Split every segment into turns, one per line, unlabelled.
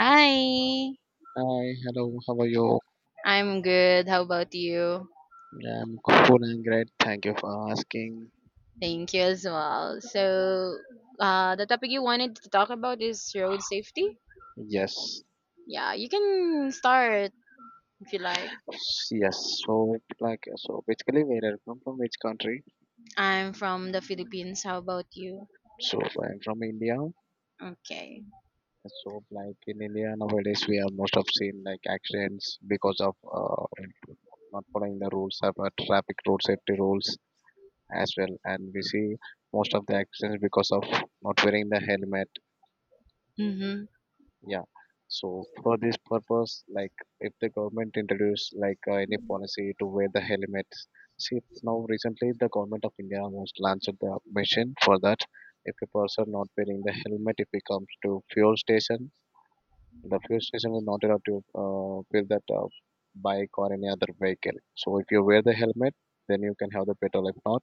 Hi,
Hi, hello, how are you?
I'm good. How about you?
I'm good and great. Thank you for asking.
Thank you as well. The topic you wanted to talk about is road safety.
Yes,
Yeah, you can start if you like.
yes. So basically, where I come from, which country?
I'm from the Philippines. How about you?
So, I'm from India.
Okay.
So, like, in India nowadays, we are most of seen like accidents because of not following the rules of traffic road safety rules as well. And we see most of the accidents because of not wearing the helmet.
Mm-hmm.
Yeah. So for this purpose, like if the government introduce like any policy to wear the helmets, see now recently the government of India almost launched the mission for that. If a person not wearing the helmet, if he comes to fuel station, the fuel station will not allow to fill that bike or any other vehicle. So if you wear the helmet, then you can have the petrol. If not,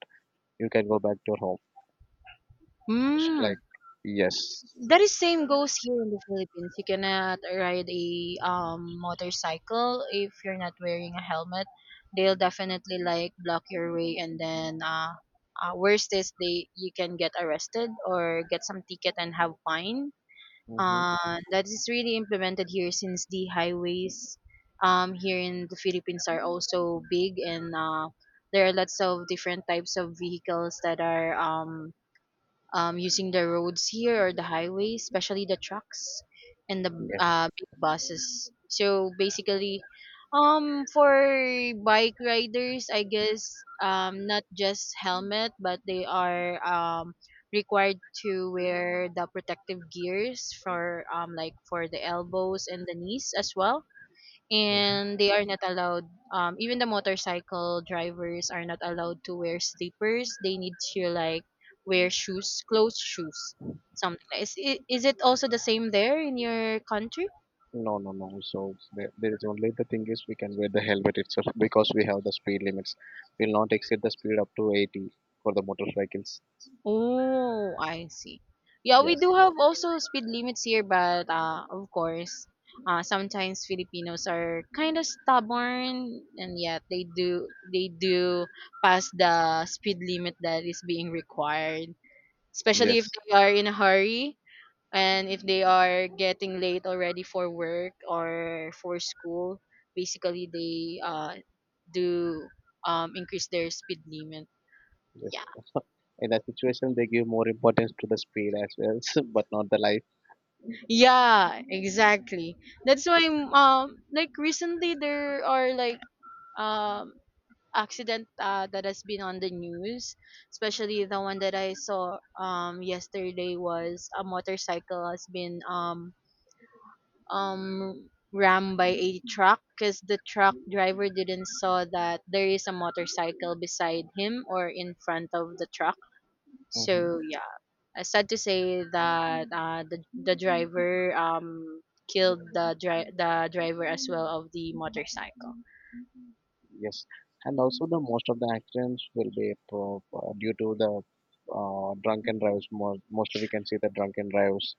you can go back to your home. It's like,
Hmm.
yes,
That is same goes here in the Philippines. You cannot ride a motorcycle if you're not wearing a helmet. They'll definitely like block your way, and then worst is they you can get arrested or get some ticket and have fine.
mm-hmm,
That is really implemented here since the highways here in the Philippines are also big, and there are lots of different types of vehicles that are using the roads here or the highways, especially the trucks and the
yes.
big buses. So basically, for bike riders, I guess, not just helmet, but they are, required to wear the protective gears for, like, for the elbows and the knees as well, and they are not allowed, even the motorcycle drivers are not allowed to wear slippers. They need to like wear shoes, closed shoes, something like is it also the same there in your country?
No, no, no. So there is only the thing is we can wear the helmet itself because we have the speed limits. We'll not exceed the speed up to 80 for the motorcycles.
Oh, I see. Yeah, we
Yes,
do have also speed limits here, but of course, sometimes Filipinos are kind of stubborn, and yet they do pass the speed limit that is being required, especially if
yes,
they are in a hurry, and if they are getting late already for work or for school. Basically they do increase their speed limit,
yes.
yeah.
In that situation, they give more importance to the speed as well, but not the life.
Yeah, exactly. That's why, like, recently there are um accident that has been on the news. Especially the one that I saw yesterday, was a motorcycle has been rammed by a truck because the truck driver didn't saw that there is a motorcycle beside him or in front of the truck.
Hmm.
So yeah, sad to say that the driver killed the the driver as well of the motorcycle.
Yes, and also the most of the accidents will be due to the drunken drives. Mostly we can see the drunken drives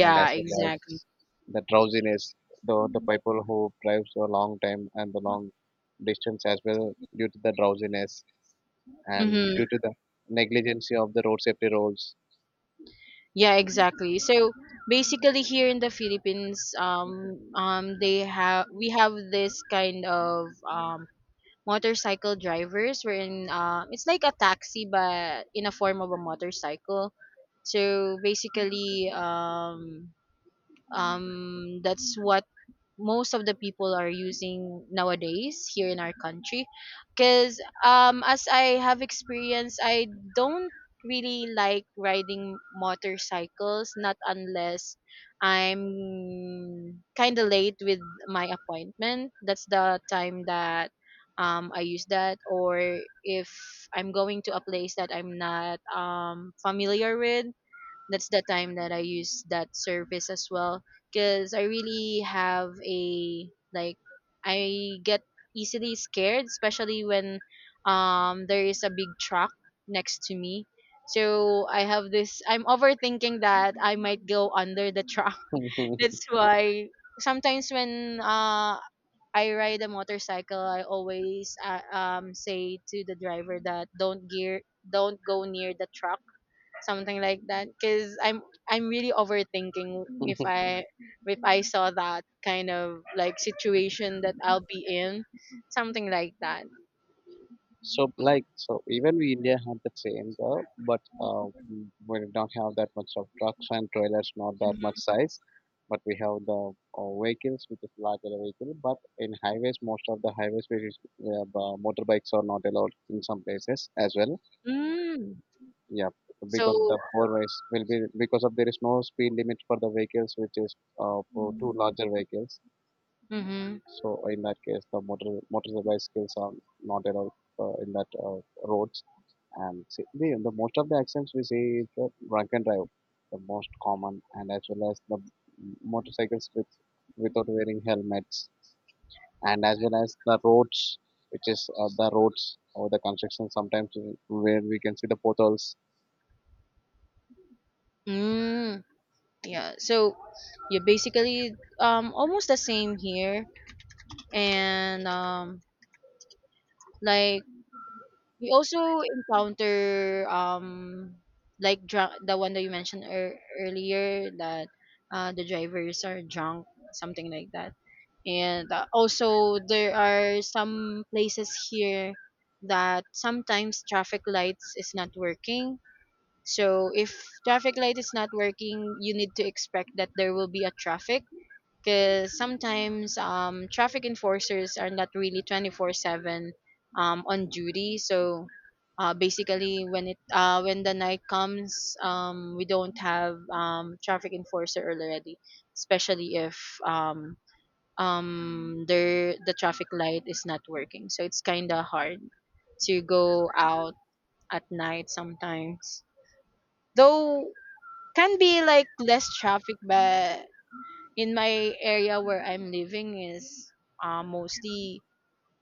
and as well
exactly.
as the drowsiness, the people who drives a long time and the long distance as well due to the drowsiness and
Mm-hmm.
due to the negligence of the road safety rules.
Yeah, exactly. So basically, here in the Philippines, they have we have this kind of motorcycle drivers, wherein it's like a taxi but in a form of a motorcycle. So basically, that's what most of the people are using nowadays here in our country, because, as I have experience, I don't really like riding motorcycles, not unless I'm kind of late with my appointment. That's the time that I use that. Or if I'm going to a place that I'm not familiar with, that's the time that I use that service as well, because I really have a, like, I get easily scared, especially when there is a big truck next to me. So I have this, I'm overthinking that I might go under the truck. That's why sometimes, when I ride a motorcycle, I always say to the driver that don't gear don't go near the truck, something like that, because I'm really overthinking. If I if I saw that kind of like situation that I'll be in, something like that.
So like, so even we India had the same though, but we do not have that much of trucks and trailers, not that much
Mhm.
size. But we have the vehicles, which is larger vehicle. But in highways, most of the highways, which is, motorbikes are not allowed in some places as well.
Mm.
Yeah, because the
So.
four ways will be because of there is no speed limit for the vehicles which is for two larger vehicles.
Mm-hmm.
So in that case the motorcycle bicycles are not allowed in that roads. And see, the most of the accidents we see is the drunk and drive, the most common, and as well as the motorcycles with without wearing helmets, and as well as the roads which is the roads or the construction sometimes where we can see the potholes.
Mm, yeah. So you basically, almost the same here. And, like, we also encounter, like, drunk, the one that you mentioned earlier, that the drivers are drunk, something like that. And also, there are some places here that sometimes traffic lights is not working. So if traffic light is not working, you need to expect that there will be a traffic, because sometimes, traffic enforcers are not really 24/7, on duty. So basically when the night comes, we don't have, traffic enforcer already, especially if the traffic light is not working. So it's kind of hard to go out at night sometimes, though can be like less traffic. But in my area where I'm living is, mostly,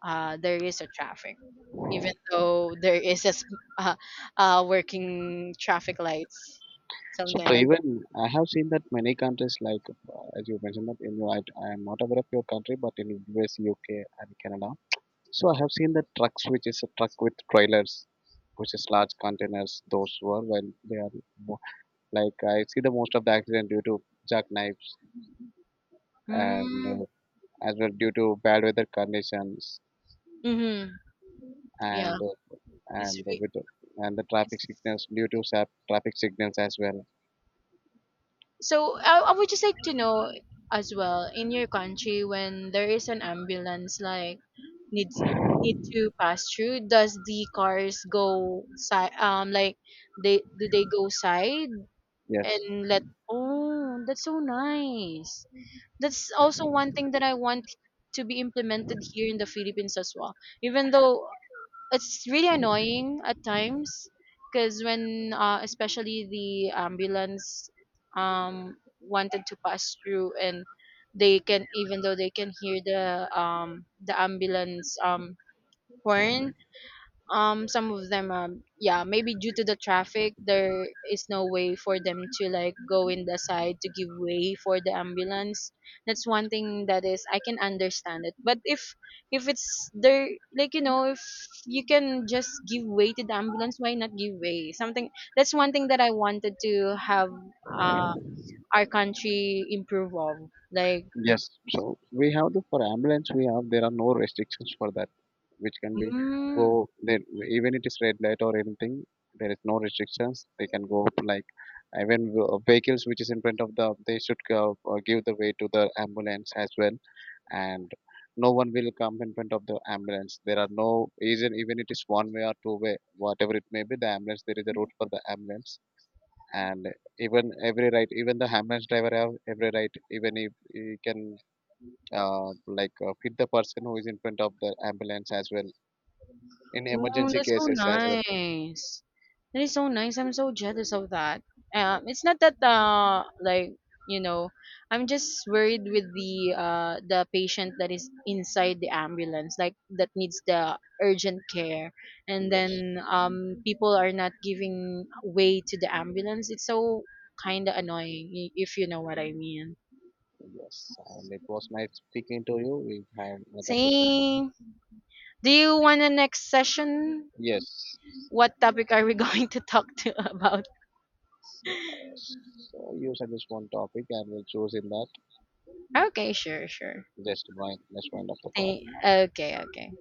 there is a traffic, even though there is a uh, working traffic lights,
So,
something like
even I have seen that many countries, like as you mentioned that in your, I am not aware of your country, but in US, UK, and Canada. So I have seen the trucks, which is a truck with trailers, which is large containers. Those were when they are mo- like I see the most of the accident due to jackknives
that.
and
Mm,
as well due to bad weather conditions
mm-hmm. Yeah,
and uh,
it's
and
re-
with and the
it's
traffic signals due to traffic signals as well.
so I would just like to know as well, in your country, when there is an ambulance, like, needs need to pass through, does the cars go side, like, they go side
Yes.
and let. Oh, that's so nice. That's also one thing that I want to be implemented here in the Philippines as well. Even though it's really annoying at times, because when, especially the ambulance wanted to pass through, and they can, even though they can hear the ambulance, horn, some of them, yeah, maybe due to the traffic, there is no way for them to like go in the side to give way for the ambulance. That's one thing that is, I can understand it. But if it's there, like, if you can just give way to the ambulance, why not give way? Something, that's one thing that I wanted to have, uh our country improve of, like.
Yes, so we have the for ambulance we have there are no restrictions for that which can be go
Mm.
there even it is red light or anything, there is no restrictions they can go up like, even vehicles which is in front of the they should go, give the way to the ambulance as well. And no one will come in front of the ambulance, there are no even it is one way or two-way whatever it may be, the ambulance there is a route for the ambulance. And even every right even the ambulance driver have every right even if he can like hit the person who is in front of the ambulance as well in
Oh,
emergency
that's so
cases as well.
nice. That is so nice. I'm so jealous of that. It's not that, like, you know, I'm just worried with the patient that is inside the ambulance, like, that needs the urgent care, and
Yes,
then people are not giving way to the ambulance. It's so kind of annoying, if you know what I mean.
yes, and it was nice speaking to you. We have another session.
Same. Do you want a next session?
Yes,
What topic are we going to talk to about?
so, so you suggest one topic and we'll choose in that
Okay, sure, sure.
just one next one of the call.
Thank, okay, okay.